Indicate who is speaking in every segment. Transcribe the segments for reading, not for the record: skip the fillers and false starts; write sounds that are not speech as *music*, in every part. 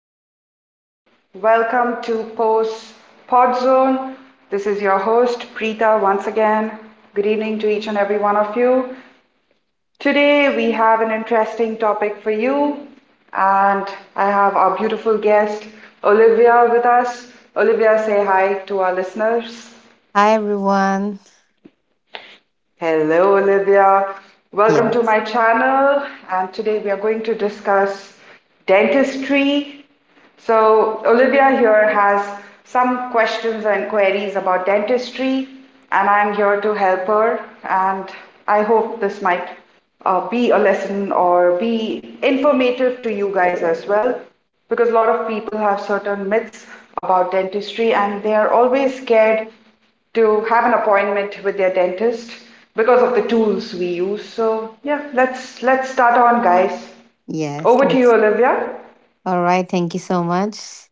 Speaker 1: evening. Welcome to Post Pod Zone. This is your host, Preeta, once again. Good evening to each and every one of you. Today, we have an interesting topic for you, and I have our beautiful guest, Olivia, with us. Olivia, say hi to our listeners.
Speaker 2: Hi everyone.
Speaker 1: Hello, Olivia. Welcome to
Speaker 2: Yes,
Speaker 1: my channel. And today we are going to discuss dentistry. So, Olivia here has some questions and queries about dentistry, and I'm here to help her. And I hope this might be a lesson or be informative to you guys as well, because a lot of people have certain myths about dentistry and they are always scared to have an appointment with their dentist because of the tools we use. So yeah, let's start on, guys.
Speaker 2: yes,
Speaker 1: Over to you,
Speaker 2: let's.
Speaker 1: Olivia.
Speaker 2: All right, thank you so much.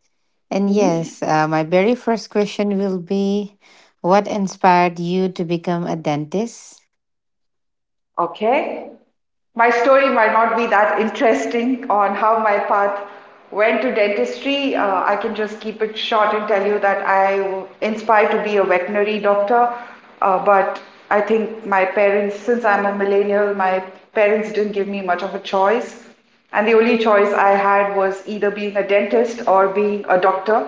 Speaker 2: And
Speaker 1: Mm-hmm.
Speaker 2: yes, my very first question will be what inspired you to become a dentist?
Speaker 1: Okay. My story might not be that interesting on how my path went to dentistry. I can just keep it short and tell you that I was inspired to be a veterinary doctor, but I think my parents, since I'm a millennial, my parents didn't give me much of a choice. And the only choice I had was either being a dentist or being a doctor,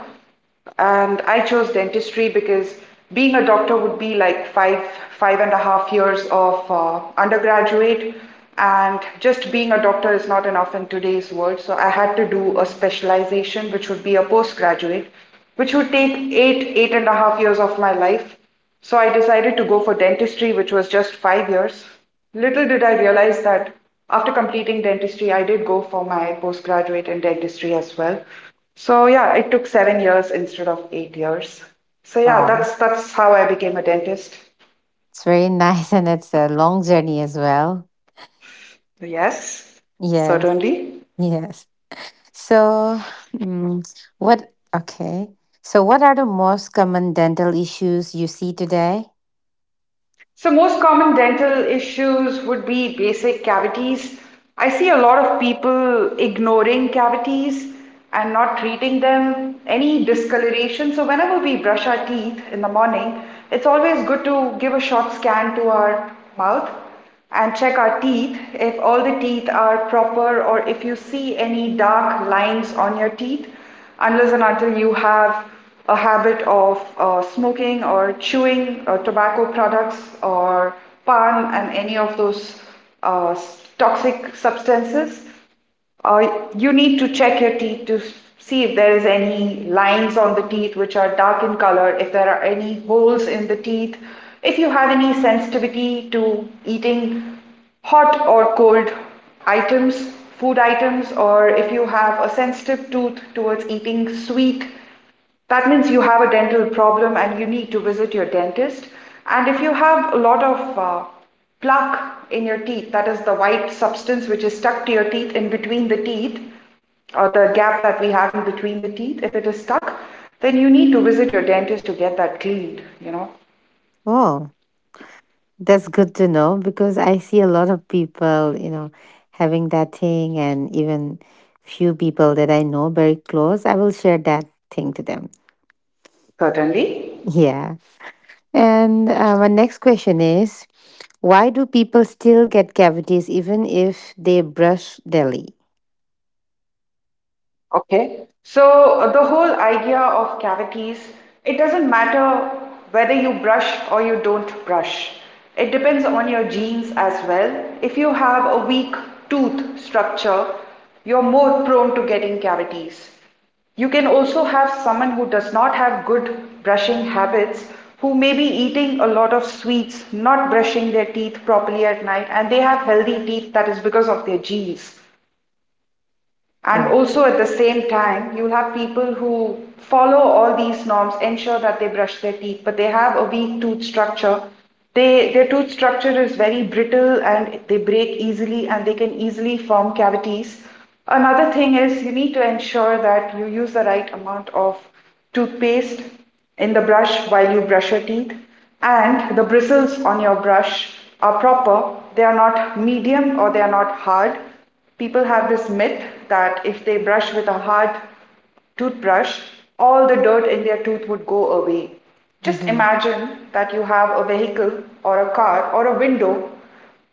Speaker 1: and I chose dentistry because being a doctor would be like five and a half years of undergraduate, and just being a doctor is not enough in today's world, so I had to do a specialization which would be a postgraduate, which would take eight and a half years of my life. So I decided to go for dentistry, which was just 5 years. Little did I realize that after completing dentistry, I did go for my postgraduate in dentistry as well. So yeah, it took 7 years instead of 8 years. So yeah,
Speaker 2: Wow.
Speaker 1: that's how I became a dentist.
Speaker 2: It's very *laughs* nice and it's a long journey as well.
Speaker 1: Yes,
Speaker 2: Yes,
Speaker 1: certainly.
Speaker 2: yes. So, mm, okay. So, what are the most common dental issues you see today?
Speaker 1: So, most common dental issues would be basic cavities. I see a lot of people ignoring cavities and not treating them, any discoloration. So, whenever we brush our teeth in the morning, it's always good to give a short scan to our mouth and check our teeth if all the teeth are proper or if you see any dark lines on your teeth unless and until you have a habit of smoking or chewing tobacco products or pan and any of those uh, toxic substances, uh, you need to check your teeth to see if there is any lines on the teeth which are dark in color, if there are any holes in the teeth, if you have any sensitivity to eating hot or cold items, food items, or if you have a sensitive tooth towards eating sweet, that means you have a dental problem and you need to visit your dentist. And if you have a lot of plaque in your teeth, that is the white substance which is stuck to your teeth in between the teeth, or the gap that we have in between the teeth, if it is stuck, then you need to visit your dentist to get that cleaned.
Speaker 2: Oh. That's good to know because I see a lot of people, having that thing, and even few people that I know very close, I will share that thing to them.
Speaker 1: Certainly.
Speaker 2: Yeah. And my next question is why do people still get cavities even if they brush daily?
Speaker 1: Okay. So the whole idea of cavities, it doesn't matter whether you brush or you don't brush. It depends on your genes as well. If you have a weak tooth structure, you're more prone to getting cavities. You can also have someone who does not have good brushing habits, who may be eating a lot of sweets, not brushing their teeth properly at night, and they have healthy teeth, that is because of their genes. And
Speaker 2: Oh.
Speaker 1: also at the same time, you'll have people who follow all these norms, ensure that they brush their teeth, but they have a weak tooth structure. They, their tooth structure is very brittle and they break easily and they can easily form cavities. Another thing is you need to ensure that you use the right amount of toothpaste in the brush while you brush your teeth, and the bristles on your brush are proper. They are not medium or they are not hard. People have this myth that if they brush with a hard toothbrush, all the dirt in their tooth would go away. Just
Speaker 2: Mm-hmm.
Speaker 1: imagine that you have a vehicle or a car or a window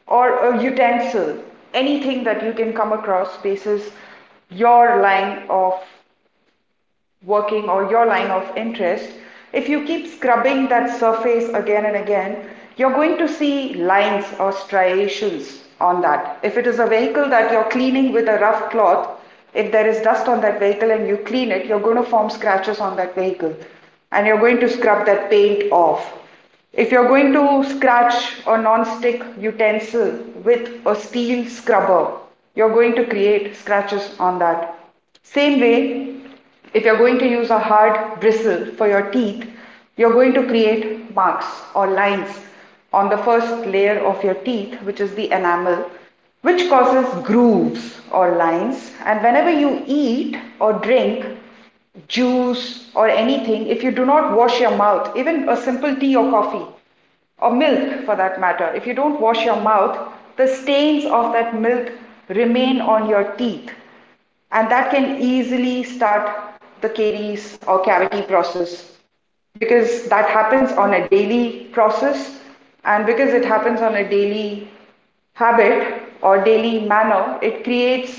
Speaker 1: or a utensil, anything that you can come across faces your line of working or your line of interest, if you keep scrubbing that surface again and again, you're going to see lines or striations on that. If it is a vehicle that you're cleaning with a rough cloth, if there is dust on that vehicle and you clean it, you're going to form scratches on that vehicle and you're going to scrub that paint off. If you're going to scratch a non-stick utensil with a steel scrubber, you're going to create scratches on that. Same way, if you're going to use a hard bristle for your teeth, you're going to create marks or lines on the first layer of your teeth, which is the enamel, which causes grooves or lines. And whenever you eat or drink juice or anything, if you do not wash your mouth, even a simple tea or coffee, or milk for that matter, if you don't wash your mouth, the stains of that milk remain on your teeth and that can easily start the caries or cavity process, because that happens on a daily process and because it happens on a daily habit or daily manner, it creates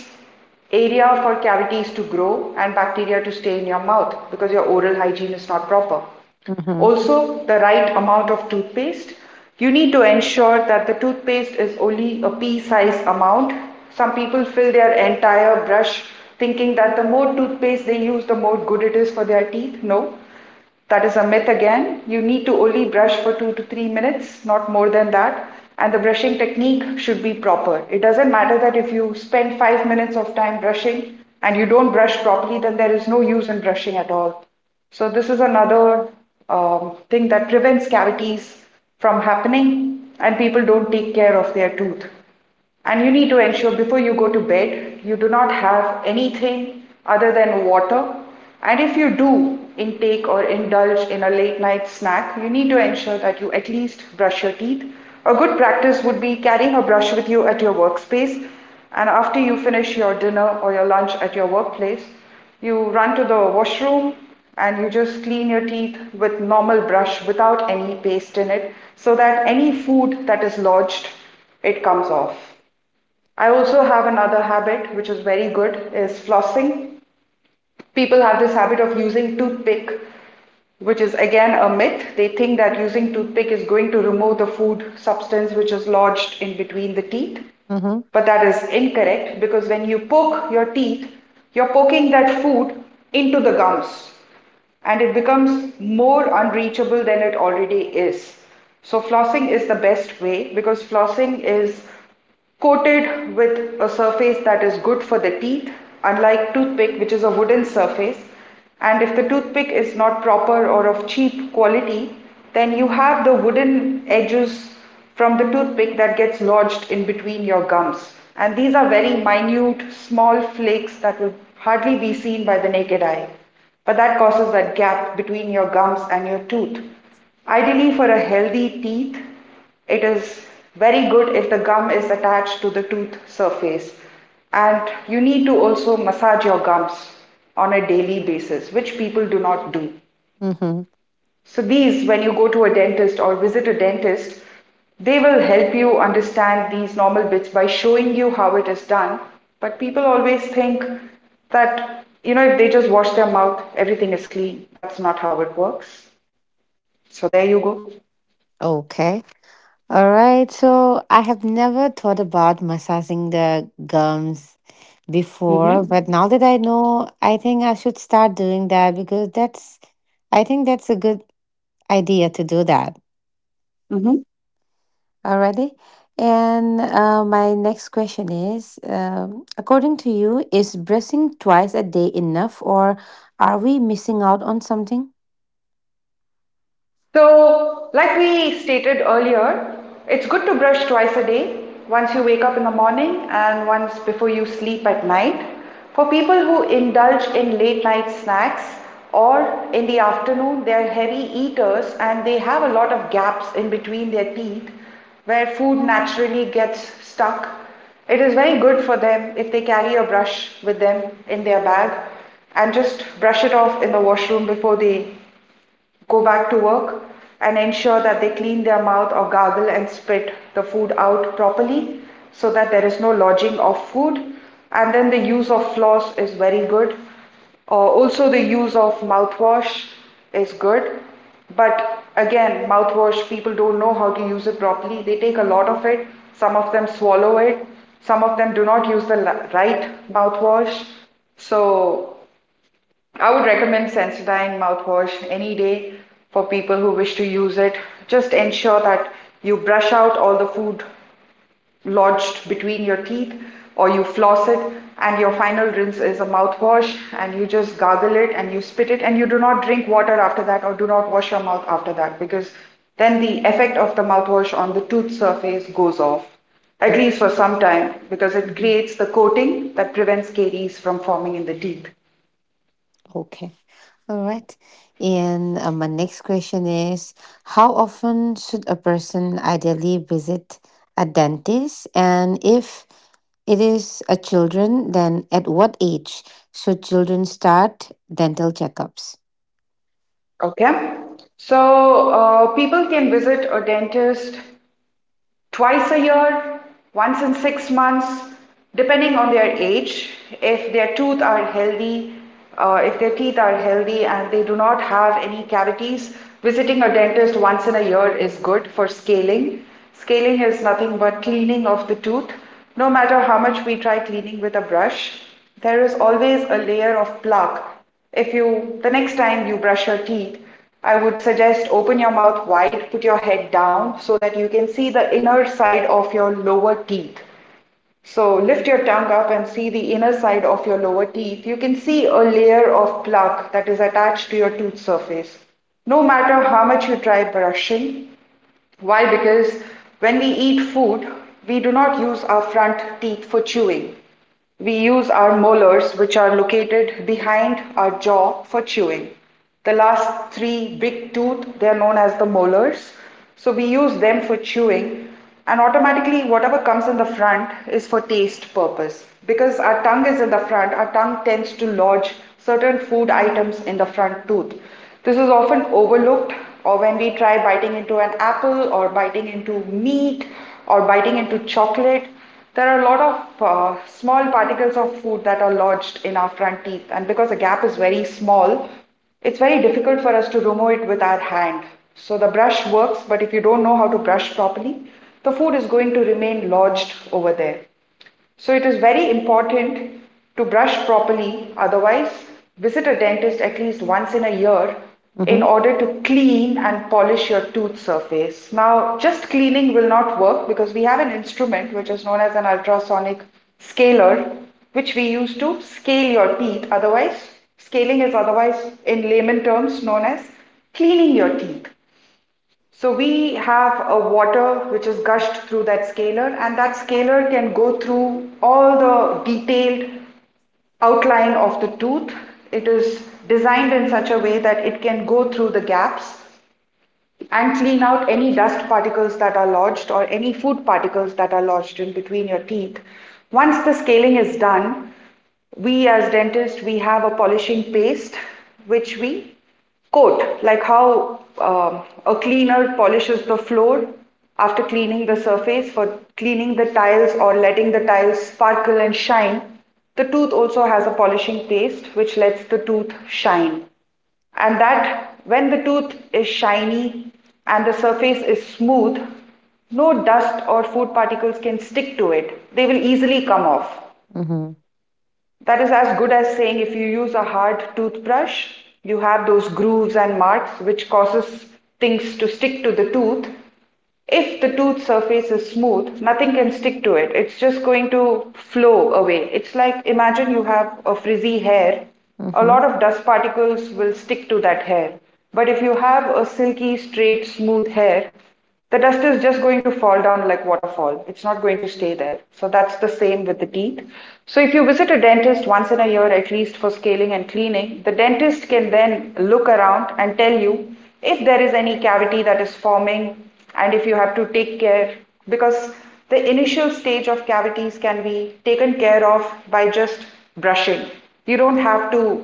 Speaker 1: area for cavities to grow and bacteria to stay in your mouth because your oral hygiene is not proper.
Speaker 2: Mm-hmm.
Speaker 1: Also, the right amount of toothpaste. You need to ensure that the toothpaste is only a pea sized amount. Some people fill their entire brush thinking that the more toothpaste they use, the more good it is for their teeth. No, that is a myth again. You need to only brush for 2 to 3 minutes, not more than that. And the brushing technique should be proper. It doesn't matter that if you spend 5 minutes of time brushing and you don't brush properly, then there is no use in brushing at all. So this is another thing that prevents cavities from happening, and people don't take care of their tooth. And you need to ensure before you go to bed, you do not have anything other than water. And if you do intake or indulge in a late night snack, you need to ensure that you at least brush your teeth. A good practice would be carrying a brush with you at your workspace. And after you finish your dinner or your lunch at your workplace, you run to the washroom and you just clean your teeth with normal brush without any paste in it so that any food that is lodged, it comes off. I also have another habit which is very good, is flossing. People have this habit of using toothpick, which is again a myth. They think that using toothpick is going to remove the food substance which is lodged in between the teeth.
Speaker 2: Mm-hmm.
Speaker 1: But that is incorrect because when you poke your teeth, you're poking that food into the gums and it becomes more unreachable than it already is. So, flossing is the best way because flossing is coated with a surface that is good for the teeth, unlike toothpick, which is a wooden surface. And if the toothpick is not proper or of cheap quality, then you have the wooden edges from the toothpick that gets lodged in between your gums. And these are very minute, small flakes that will hardly be seen by the naked eye. But that causes that gap between your gums and your tooth. Ideally, for a healthy teeth, it is very good if the gum is attached to the tooth surface. And you need to also massage your gums on a daily basis, which people do not do.
Speaker 2: Mm-hmm.
Speaker 1: So these, when you go to a dentist or visit a dentist, they will help you understand these normal bits by showing you how it is done. But people always think that if they just wash their mouth, everything is clean. That's not how it works. So there you go.
Speaker 2: Okay. All right, so I have never thought about massaging the gums before,
Speaker 1: Mm-hmm.
Speaker 2: but now that I know, I think I should start doing that. I think that's a good idea to do that.
Speaker 1: Mm-hmm.
Speaker 2: Alrighty. And my next question is, according to you, is brushing twice a day enough, or are we missing out on something?
Speaker 1: So, like we stated earlier, it's good to brush twice a day, once you wake up in the morning and once before you sleep at night. For people who indulge in late night snacks or in the afternoon, they're heavy eaters and they have a lot of gaps in between their teeth where food naturally gets stuck. It is very good for them if they carry a brush with them in their bag and just brush it off in the washroom before they go back to work and ensure that they clean their mouth or gargle and spit the food out properly so that there is no lodging of food. And then the use of floss is very good. Also, the use of mouthwash is good. But again, mouthwash, people don't know how to use it properly. They take a lot of it, some of them swallow it, some of them do not use the right mouthwash. So, I would recommend Sensodyne mouthwash any day for people who wish to use it. Just ensure that you brush out all the food lodged between your teeth or you floss it and your final rinse is a mouthwash and you just gargle it and you spit it and you do not drink water after that or do not wash your mouth after that because then the effect of the mouthwash on the tooth surface goes off at
Speaker 2: Oh,
Speaker 1: least for some time because it
Speaker 2: mhm.
Speaker 1: creates the coating that prevents caries from forming in the teeth.
Speaker 2: Okay. All right. And my next question is, how often should a person ideally visit a dentist? And if it is a children, then at what age should children start dental checkups?
Speaker 1: Okay. So people can visit a dentist twice a year, once in 6 months, depending on their age. If their tooth are healthy, if their teeth are healthy and they do not have any cavities, visiting a dentist once in a year is good for scaling. Scaling is nothing but cleaning of the tooth. No matter how much we try cleaning with a brush, there is always a layer of plaque. If you, the next time you brush your teeth, I would suggest open your mouth wide, put your head down so that you can see the inner side of your lower teeth. So lift your tongue up and see the inner side of your lower teeth. You can see a layer of plaque that is attached to your tooth surface. No matter how much you try brushing, why? Because when we eat food, we do not use our front teeth for chewing. We use our molars, which are located behind our jaw, for chewing. The last three big tooth, they are known as the molars. So we use them for chewing, and automatically, whatever comes in the front is for taste purpose. Because our tongue is in the front, our tongue tends to lodge certain food items in the front tooth. This is often overlooked, or when we try biting into an apple, or biting into meat, or biting into chocolate, there are a lot of small particles of food that are lodged in our front teeth, and because the gap is very small, it's very difficult for us to remove it with our hand. So the brush works, but if you don't know how to brush properly, the food is going to remain lodged over there. So it is very important to brush properly. Otherwise, visit a dentist at least once in a year
Speaker 2: Mm-hmm.
Speaker 1: in order to clean and polish your tooth surface. Now, just cleaning will not work because we have an instrument which is known as an ultrasonic scaler, which we use to scale your teeth. Otherwise, scaling is otherwise in layman terms known as cleaning your teeth. So we have a water which is gushed through that scalar, and that scalar can go through all the detailed outline of the tooth. It is designed in such a way that it can go through the gaps and clean out any dust particles that are lodged or any food particles that are lodged in between your teeth. Once the scaling is done, we as dentists we have a polishing paste which we coat like how a cleaner polishes the floor after cleaning the surface for cleaning the tiles or letting the tiles sparkle and shine, the tooth also has a polishing paste which lets the tooth shine, and that when the tooth is shiny and the surface is smooth, no dust or food particles can stick to it. They will easily come off.
Speaker 2: Mm-hmm.
Speaker 1: That is as good as saying if you use a hard toothbrush, you have those grooves and marks which causes things to stick to the tooth. If the tooth surface is smooth, nothing can stick to it. It's just going to flow away. It's like imagine you have a frizzy hair, a
Speaker 2: Mm-hmm.
Speaker 1: lot of dust particles will stick to that hair. But if you have a silky, straight, smooth hair, the dust is just going to fall down like waterfall. It's not going to stay there. So that's the same with the teeth. So if you visit a dentist once in a year at least for scaling and cleaning, the dentist can then look around and tell you if there is any cavity that is forming and if you have to take care, because the initial stage of cavities can be taken care of by just brushing. You don't have to,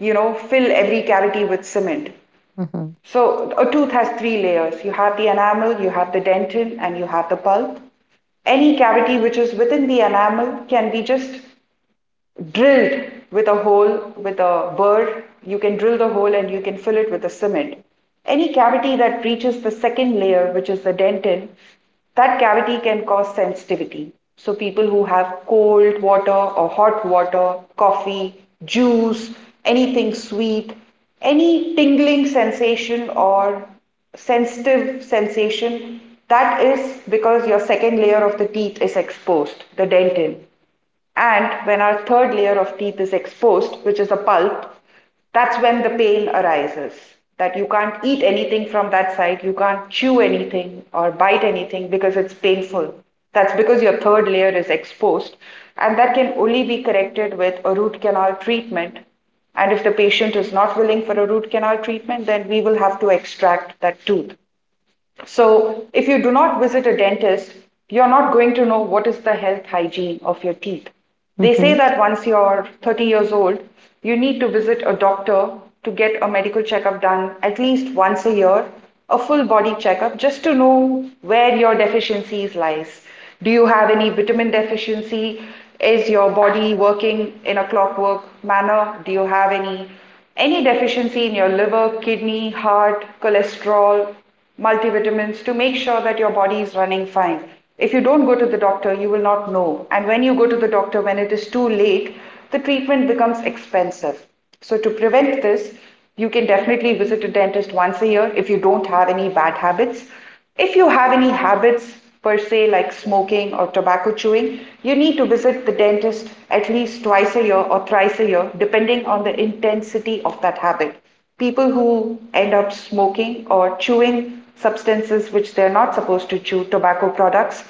Speaker 1: fill every cavity with cement.
Speaker 2: Mm-hmm.
Speaker 1: So a tooth has three layers. You have the enamel, you have the dentin, and you have the pulp. Any cavity which is within the enamel can be just drilled with a hole with a burr. You can drill the hole and you can fill it with a cement. Any cavity that reaches the second layer, which is the dentin, that cavity can cause sensitivity. So, people who have cold water or hot water, coffee, juice, anything sweet, any tingling sensation or sensitive sensation, that is because your second layer of the teeth is exposed, the dentin. And when our third layer of teeth is exposed, which is a pulp, that's when the pain arises. That you can't eat anything from that side, you can't chew anything or bite anything because it's painful. That's because your third layer is exposed, and that can only be corrected with a root canal treatment. And if the patient is not willing for a root canal treatment, then we will have to extract that tooth. So if you do not visit a dentist, you're not going to know what is the health hygiene of your teeth. They say
Speaker 2: Mm-hmm.
Speaker 1: that once you're 30 years old, you need to visit a doctor to get a medical checkup done at least once a year, a full body checkup just to know where your deficiencies lies. Do you have any vitamin deficiency? Is your body working in a clockwork manner? Do you have any deficiency in your liver, kidney, heart, cholesterol, multivitamins to make sure that your body is running fine. If you don't go to the doctor, you will not know. And when you go to the doctor, when it is too late, the treatment becomes expensive. So, to prevent this, you can definitely visit a dentist once a year if you don't have any bad habits. If you have any habits per se, like smoking or tobacco chewing, you need to visit the dentist at least twice a year or thrice a year, depending on the intensity of that habit. People who end up smoking or chewing substances which they're not supposed to chew, tobacco products,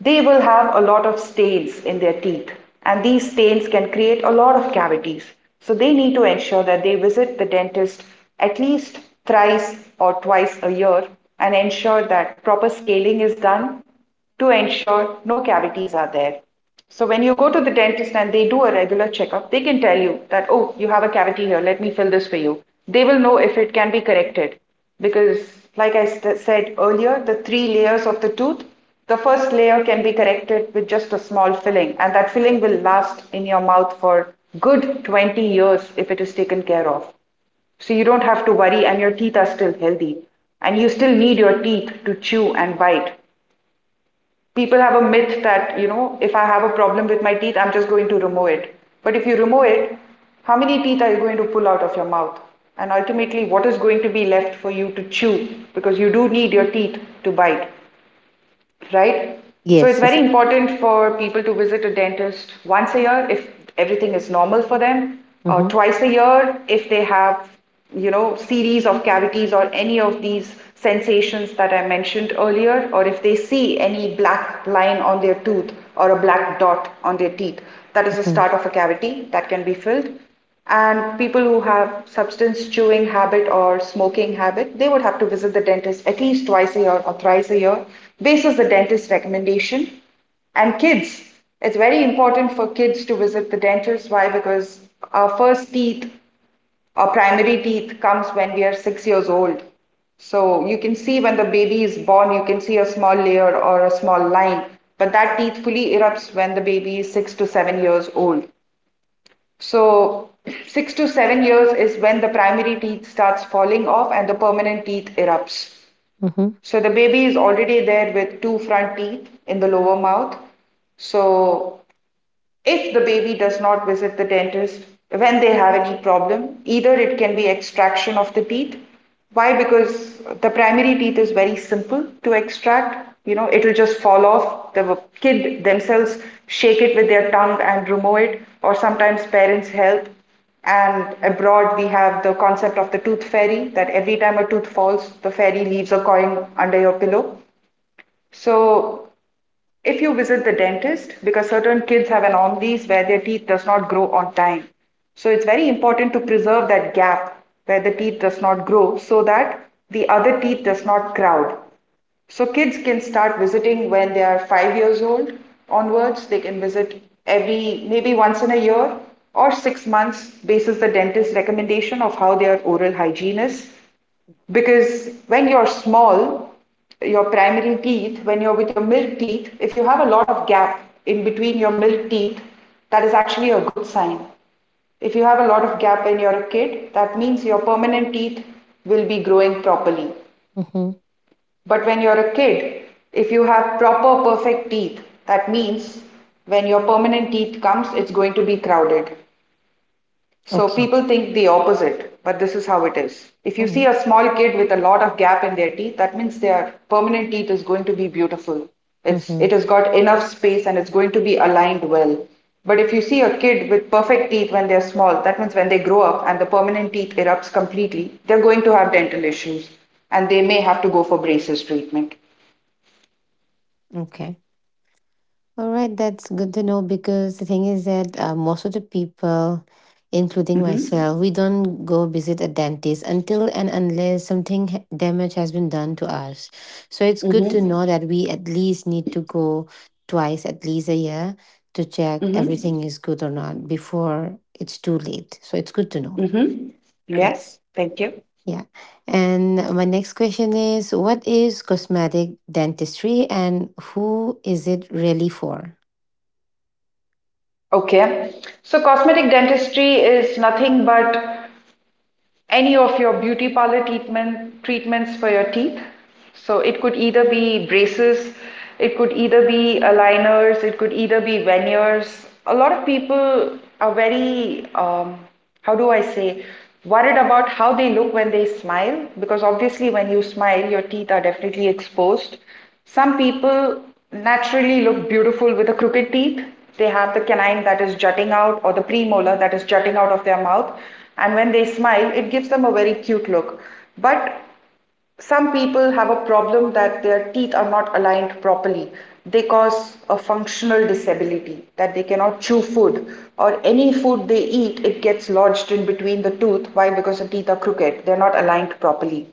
Speaker 1: they will have a lot of stains in their teeth. And these stains can create a lot of cavities. So they need to ensure that they visit the dentist at least thrice or twice a year and ensure that proper scaling is done to ensure no cavities are there. So when you go to the dentist and they do a regular checkup, they can tell you that, oh, you have a cavity here, let me fill this for you. They will know if it can be corrected because, like I said earlier, the three layers of the tooth, the first layer can be corrected with just a small filling, and that filling will last in your mouth for good 20 years if it is taken care of. So you don't have to worry, and your teeth are still healthy, and you still need your teeth to chew and bite. People have a myth that, if I have a problem with my teeth, I'm just going to remove it. But if you remove it, how many teeth are you going to pull out of your mouth? And ultimately, what is going to be left for you to chew? Because you do need your teeth to bite, right? So it's
Speaker 2: Yes. Yes.
Speaker 1: very important for people to visit a dentist once a year if everything is normal for them, or
Speaker 2: Mm-hmm.
Speaker 1: twice a year if they have, series of cavities or any of these sensations that I mentioned earlier, or if they see any black line on their tooth or a black dot on their teeth. That is the
Speaker 2: Mm-hmm.
Speaker 1: start of a cavity that can be filled. And people who have substance chewing habit or smoking habit, they would have to visit the dentist at least twice a year or thrice a year, basis the dentist recommendation. And kids, it's very important for kids to visit the dentist. Why? Because our first teeth, our primary teeth, comes when we are 6 years old. So you can see when the baby is born, you can see a small layer or a small line, but that teeth fully erupts when the baby is 6 to 7 years old. So, *clears throat* 6 to 7 years is when the primary teeth starts falling off and the permanent teeth erupts.
Speaker 2: Mm-hmm.
Speaker 1: So, the baby is already there with two front teeth in the lower mouth. So, if the baby does not visit the dentist when they have any problem, either it can be extraction of the teeth. Why? Because the primary teeth is very simple to extract. It will just fall off. The kid themselves shake it with their tongue and remove it, or sometimes parents help. And abroad, we have the concept of the tooth fairy that every time a tooth falls, the fairy leaves a coin under your pillow. So if you visit the dentist, because certain kids have anomalies where their teeth does not grow on time. So it's very important to preserve that gap where the teeth does not grow so that the other teeth does not crowd. So kids can start visiting when they are 5 years old onwards. They can visit every maybe once in a year or 6 months basis the dentist recommendation of how their oral hygiene is. Because when you're small, your primary teeth, when you're with your milk teeth, if you have a lot of gap in between your milk teeth, that is actually a good sign. If you have a lot of gap when you're a kid, that means your permanent teeth will be growing properly.
Speaker 2: Mm-hmm.
Speaker 1: But when you're a kid, if you have proper perfect teeth, that means when your permanent teeth comes, it's going to be crowded. So
Speaker 2: Okay.
Speaker 1: people think the opposite, but this is how it is. If you see
Speaker 2: Mm-hmm.
Speaker 1: a small kid with a lot of gap in their teeth, that means their permanent teeth is going to be beautiful. It's
Speaker 2: Mm-hmm.
Speaker 1: it has got enough space and it's going to be aligned well. But if you see a kid with perfect teeth when they're small, that means when they grow up and the permanent teeth erupts completely, they're going to have dental issues and they may have to go for braces treatment.
Speaker 2: Okay. All right, that's good to know because the thing is that most of the people, including
Speaker 1: Mm-hmm.
Speaker 2: myself, we don't go visit a dentist until and unless something damage has been done to us. So it's good to
Speaker 1: Mm-hmm.
Speaker 2: know that we at least need to go twice at least a year to check
Speaker 1: Mm-hmm.
Speaker 2: everything is good or not before it's too late. So it's good to know.
Speaker 1: Mm-hmm. Yes,
Speaker 2: Yes.
Speaker 1: thank you.
Speaker 2: Yeah. And my next question is, what is cosmetic dentistry and who is it really for?
Speaker 1: Okay. So cosmetic dentistry is nothing but any of your beauty parlor treatments for your teeth. So it could either be braces, it could either be aligners, it could either be veneers. A lot of people are very, how do I say, worried about how they look when they smile because obviously when you smile, your teeth are definitely exposed. Some people naturally look beautiful with the crooked teeth. They have the canine that is jutting out or the premolar that is jutting out of their mouth. And when they smile, it gives them a very cute look. But some people have a problem that their teeth are not aligned properly. They cause a functional disability that they cannot chew food or any food they eat, it gets lodged in between the tooth. Why? Because the teeth are crooked, they're not aligned properly.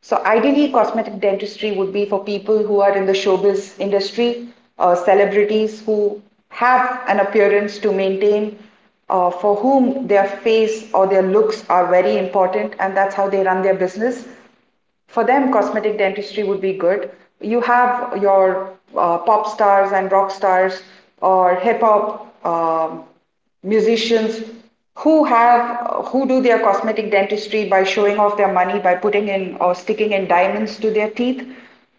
Speaker 1: So, ideally, cosmetic dentistry would be for people who are in the showbiz industry, celebrities who have an appearance to maintain, for whom their face or their looks are very important, and that's how they run their business for them, cosmetic dentistry would be good. You have your pop stars and rock stars or hip hop musicians who do their cosmetic dentistry by showing off their money by putting in or sticking in diamonds to their teeth.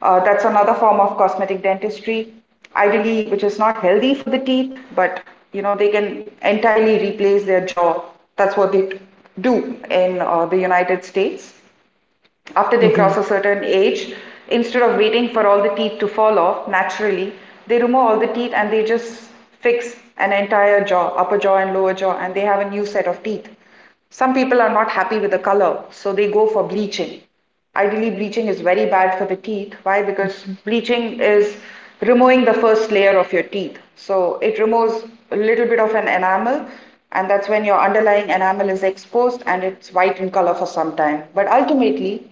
Speaker 1: That's another form of cosmetic dentistry, ideally, which is not healthy for the teeth, but you know they can entirely replace their jaw. That's what they do in the United States. After they
Speaker 2: Mm-hmm.
Speaker 1: cross a certain age, instead of waiting for all the teeth to fall off naturally, they remove all the teeth and they just fix an entire jaw, upper jaw and lower jaw, and they have a new set of teeth. Some people are not happy with the color, so they go for bleaching. Ideally, bleaching is very bad for the teeth. Why? Because
Speaker 2: Mhm,
Speaker 1: bleaching is removing the first layer of your teeth. So it removes a little bit of an enamel, and that's when your underlying enamel is exposed and it's white in color for some time. But ultimately,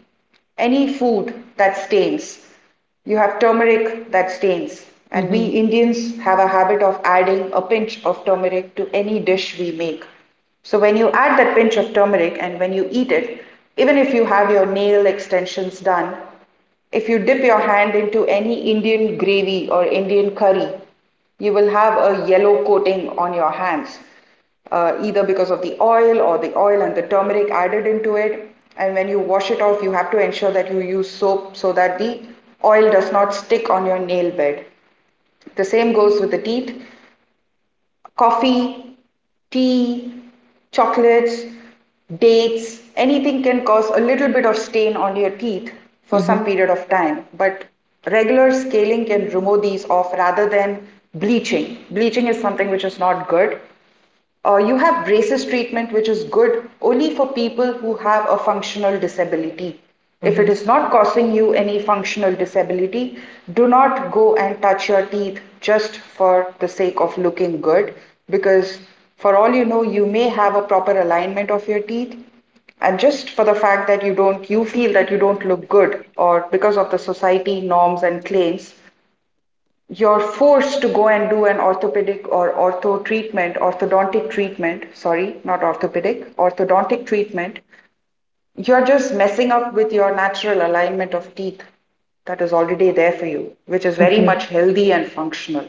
Speaker 1: any food that stains, you have turmeric that stains, and we
Speaker 2: mhm,
Speaker 1: Indians have a habit of adding a pinch of turmeric to any dish we make. So when you add that pinch of turmeric and when you eat it, even if you have your nail extensions done, if you dip your hand into any Indian gravy or Indian curry, you will have a yellow coating on your hands either because of the oil or the oil and the turmeric added into it. And when you wash it off, you have to ensure that you use soap so that the oil does not stick on your nail bed. The same goes with the teeth. Coffee, tea, chocolates, dates, anything can cause a little bit of stain on your teeth for some
Speaker 2: mhm,
Speaker 1: period of time. But regular scaling can remove these off rather than bleaching. Bleaching is something which is not good. You have braces treatment, which is good only for people who have a functional disability. If it
Speaker 2: mhm,
Speaker 1: is not causing you any functional disability, do not go and touch your teeth just for the sake of looking good because, for all you know, you may have a proper alignment of your teeth. And just for the fact that you feel that you don't look good, or because of the society norms and claims, you're forced to go and do an orthopedic or ortho treatment, orthodontic treatment, sorry, not orthopedic, orthodontic treatment, you're just messing up with your natural alignment of teeth that is already there for you, which is very
Speaker 2: mhm.
Speaker 1: much healthy and functional.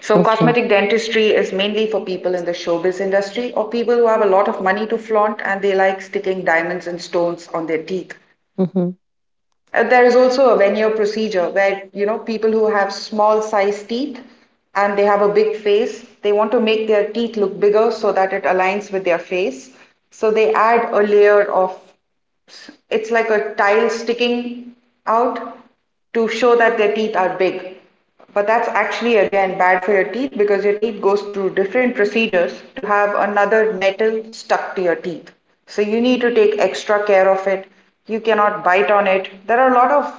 Speaker 1: So,
Speaker 2: Okay.
Speaker 1: cosmetic dentistry is mainly for people in the showbiz industry or people who have a lot of money to flaunt and they like sticking diamonds and stones on their teeth.
Speaker 2: Mhm,
Speaker 1: There is also a veneer procedure where, you know, people who have small sized teeth and they have a big face, they want to make their teeth look bigger so that it aligns with their face. So they add a layer of, it's like a tile sticking out to show that their teeth are big. But that's actually again bad for your teeth because your teeth goes through different procedures to have another metal stuck to your teeth. So you need to take extra care of it. You cannot bite on it. There are a lot of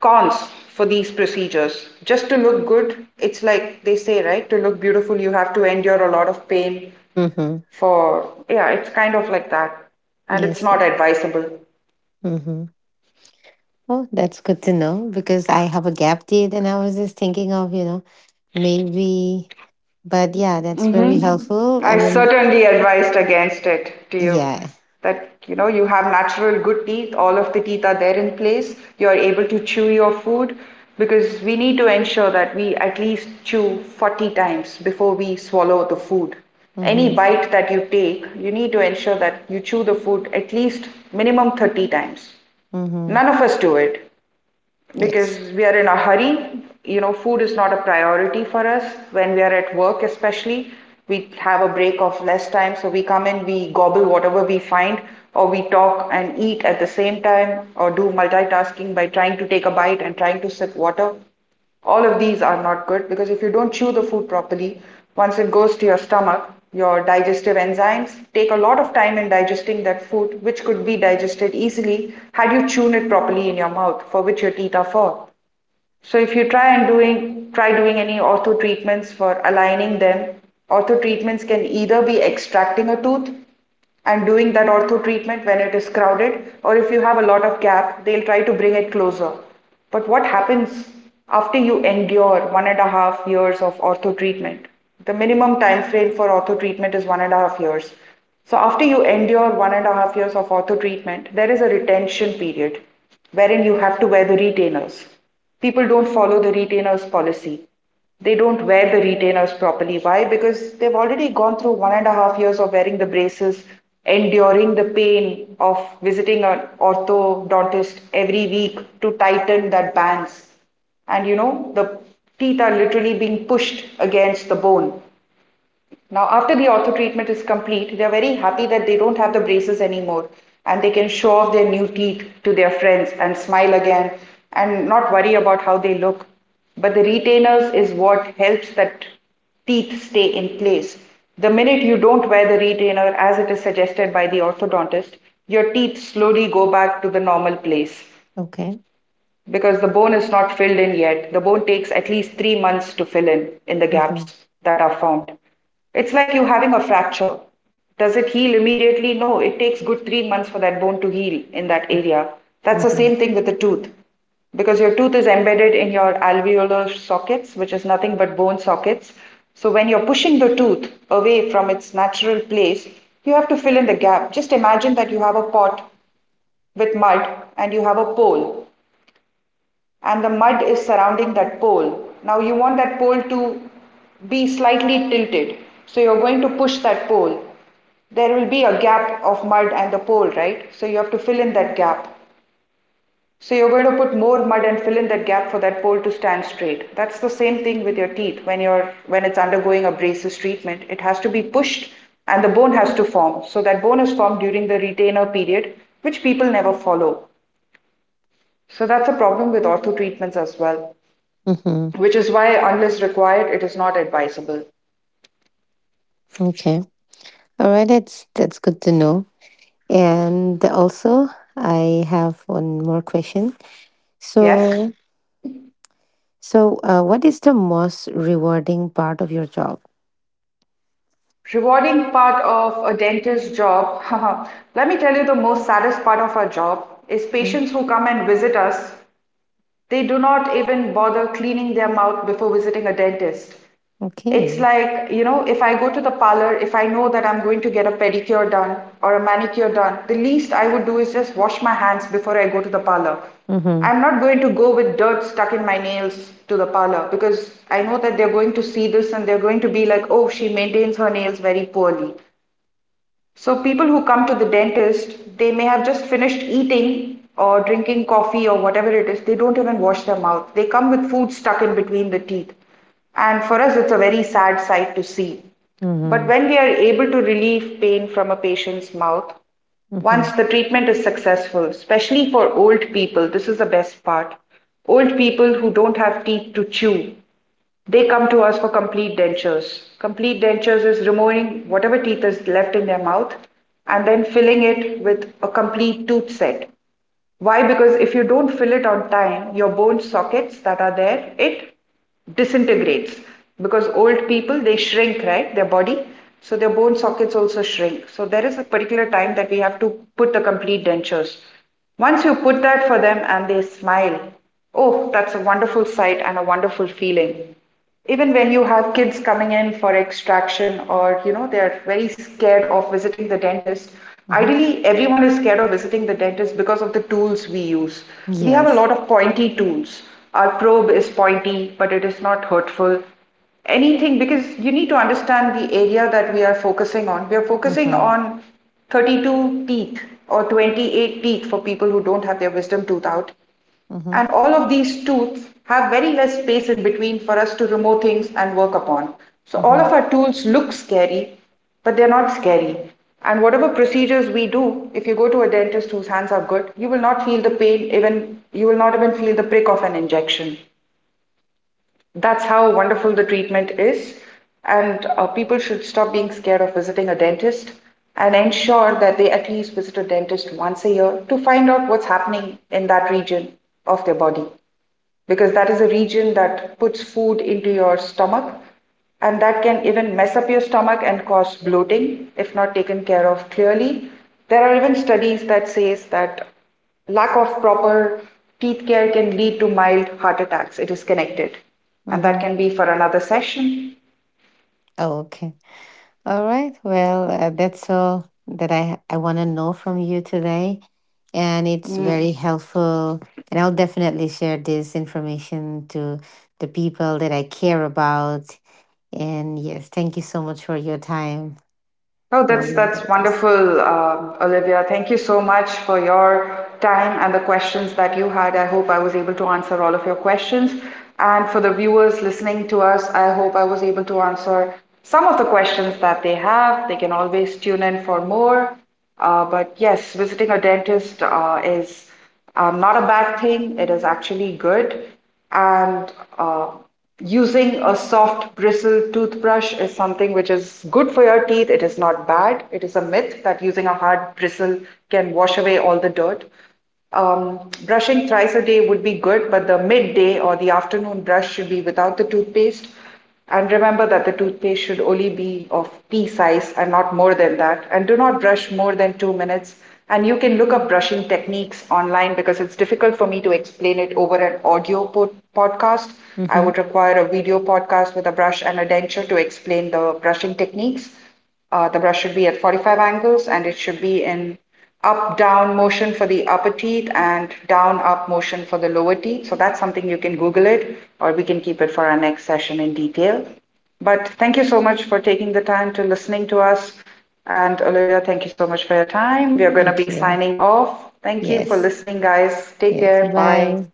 Speaker 1: cons for these procedures. Just to look good, it's like they say, right? To look beautiful, you have to endure a lot of pain
Speaker 2: mhm.
Speaker 1: for, yeah, it's kind of like that, and it's
Speaker 2: Yes.
Speaker 1: not advisable.
Speaker 2: Mhm. Oh, that's good to know because I have a gap date and I was just thinking of, you know, maybe, but yeah, that's very
Speaker 1: Mm-hmm.
Speaker 2: helpful. I
Speaker 1: I
Speaker 2: mean,
Speaker 1: certainly advised against it to you,
Speaker 2: yeah.
Speaker 1: that you know you have natural good teeth, all of the teeth are there in place, you are able to chew your food, because we need to ensure that we at least chew 40 times before we swallow the food. Any
Speaker 2: Mm-hmm.
Speaker 1: bite that you take, you need to ensure that you chew the food at least minimum 30 times.
Speaker 2: Mm-hmm.
Speaker 1: None of us do it
Speaker 2: Yes.
Speaker 1: because we are in a hurry. You know, food is not a priority for us when we are at work, especially. We have a break of less time, so we come in, we gobble whatever we find, or we talk and eat at the same time, or do multitasking by trying to take a bite and trying to sip water. All of these are not good because if you don't chew the food properly, once it goes to your stomach, your digestive enzymes take a lot of time in digesting that food, which could be digested easily had you chewn it properly in your mouth, for which your teeth are for. So if you try doing any ortho treatments for aligning them, ortho treatments can either be extracting a tooth and doing that ortho treatment when it is crowded, or if you have a lot of gap, they'll try to bring it closer. But what happens after you endure 1.5 years of ortho treatment? The minimum time frame for ortho treatment is 1.5 years. So after you endure 1.5 years of ortho treatment, there is a retention period wherein you have to wear the retainers. People don't follow the retainer's policy. They don't wear the retainers properly. Why? Because they've already gone through 1.5 years of wearing the braces, enduring the pain of visiting an orthodontist every week to tighten that bands. And you know, the teeth are literally being pushed against the bone. Now, after the ortho treatment is complete, they're very happy that they don't have the braces anymore and they can show off their new teeth to their friends and smile again and not worry about how they look. But the retainers is what helps that teeth stay in place. The minute you don't wear the retainer as it is suggested by the orthodontist, your teeth slowly go back to the normal place
Speaker 2: Okay.
Speaker 1: because the bone is not filled in yet. The bone takes at least 3 months to fill in the
Speaker 2: Mm-hmm.
Speaker 1: gaps that are formed. It's like you having a fracture. Does it heal immediately? No, it takes good 3 months for that bone to heal in that area. That's the
Speaker 2: Mm-hmm.
Speaker 1: same thing with the tooth because your tooth is embedded in your alveolar sockets, which is nothing but bone sockets. So when you're pushing the tooth away from its natural place, you have to fill in the gap. Just imagine that you have a pot with mud and you have a pole and the mud is surrounding that pole. Now you want that pole to be slightly tilted. So you're going to push that pole. There will be a gap of mud and the pole, right? So you have to fill in that gap. So you're going to put more mud and fill in that gap for that pole to stand straight. That's the same thing with your teeth when it's undergoing a braces treatment. It has to be pushed and the bone has to form. So that bone is formed during the retainer period, which people never follow. So that's a problem with ortho treatments as well,
Speaker 2: Mm-hmm.
Speaker 1: which is why, unless required, it is not advisable.
Speaker 2: Okay. All right. That's good to know. And also, I have one more question.
Speaker 1: Yes?
Speaker 2: So, so, what is the most rewarding part of your job?
Speaker 1: Rewarding part of a dentist's job. *laughs* Let me tell you the most saddest part of our job is
Speaker 2: Mm,
Speaker 1: patients who come and visit us. They do not even bother cleaning their mouth before visiting a dentist. It's
Speaker 2: okay.
Speaker 1: like, you know, if I go to the parlor, if I know that I'm going to get a pedicure done or a manicure done, the least I would do is just wash my hands before I go to the parlor.
Speaker 2: Mm-hmm.
Speaker 1: I'm not going to go with dirt stuck in my nails to the parlor because I know that they're going to see this and they're going to be like, oh, she maintains her nails very poorly. So people who come to the dentist, they may have just finished eating or drinking coffee or whatever it is. They don't even wash their mouth. They come with food stuck in between the teeth. And for us, it's a very sad sight to see. But
Speaker 2: Mm-hmm.
Speaker 1: when we are able to relieve pain from a patient's mouth,
Speaker 2: Mm-hmm.
Speaker 1: once the treatment is successful, especially for old people, this is the best part. Old people who don't have teeth to chew, they come to us for complete dentures. Complete dentures is removing whatever teeth is left in their mouth and then filling it with a complete tooth set. Why? Because if you don't fill it on time, your bone sockets that are there, it disintegrates. Because old people, they shrink, right? Their body. So their bone sockets also shrink. So there is a particular time that we have to put the complete dentures. Once you put that for them and they smile, oh, that's a wonderful sight and a wonderful feeling. Even when you have kids coming in for extraction or, you know, they're very scared of visiting the dentist,
Speaker 2: Mm-hmm.
Speaker 1: ideally everyone is scared of visiting the dentist because of the tools we use. We have a lot
Speaker 2: Yes.
Speaker 1: of pointy tools. Our probe is pointy, but it is not hurtful. Anything, because you need to understand the area that we are focusing on. We are focusing
Speaker 2: Mm-hmm.
Speaker 1: on 32 teeth or 28 teeth for people who don't have their wisdom tooth out. And
Speaker 2: Mm-hmm.
Speaker 1: all of these tools have very less space in between for us to remove things and work upon. So all
Speaker 2: Mm-hmm.
Speaker 1: of our tools look scary, but they're not scary. And whatever procedures we do, if you go to a dentist whose hands are good, you will not feel the pain, even you will not even feel the prick of an injection. That's how wonderful the treatment is. And people should stop being scared of visiting a dentist and ensure that they at least visit a dentist once a year to find out what's happening in that region of their body, because that is a region that puts food into your stomach and that can even mess up your stomach and cause bloating if not taken care of clearly. There are even studies that says that lack of proper teeth care can lead to mild heart attacks. It is connected and that
Speaker 2: Mm-hmm.
Speaker 1: can be for another session.
Speaker 2: Oh, okay. All right. Well, that's all that I want to know from you today, and it's very
Speaker 1: Mm.
Speaker 2: helpful. And I'll definitely share this information to the people that I care about. And yes, thank you so much for your time.
Speaker 1: Oh,
Speaker 2: I
Speaker 1: that's
Speaker 2: really
Speaker 1: that's
Speaker 2: enjoyed this.
Speaker 1: wonderful, Olivia. Thank you so much for your time and the questions that you had. I hope I was able to answer all of your questions. And for the viewers listening to us, I hope I was able to answer some of the questions that they have. They can always tune in for more. But yes, visiting a dentist is not a bad thing. It is actually good and uh, using a soft bristle toothbrush is something which is good for your teeth. It is not bad. It is a myth that using a hard bristle can wash away all the dirt. Um, Brushing thrice a day would be good, but the midday or the afternoon brush should be without the toothpaste. And remember that the toothpaste should only be of pea size and not more than that. And do not brush more than 2 minutes. And you can look up brushing techniques online because it's difficult for me to explain it over an audio podcast. I
Speaker 2: Mm-hmm.
Speaker 1: would require a video podcast with a brush and a denture to explain the brushing techniques. The brush should be at 45 angles and it should be in up down motion for the upper teeth and down up motion for the lower teeth. So that's something you can Google it or we can keep it for our next session in detail. But thank you so much for taking the time to listening to us. And Olivia, thank you so much for your time. We are going to
Speaker 2: Thank
Speaker 1: be
Speaker 2: you.
Speaker 1: signing off. Thank you for
Speaker 2: Yes.
Speaker 1: listening, guys. Take
Speaker 2: Yes.
Speaker 1: care. Bye.
Speaker 2: Bye.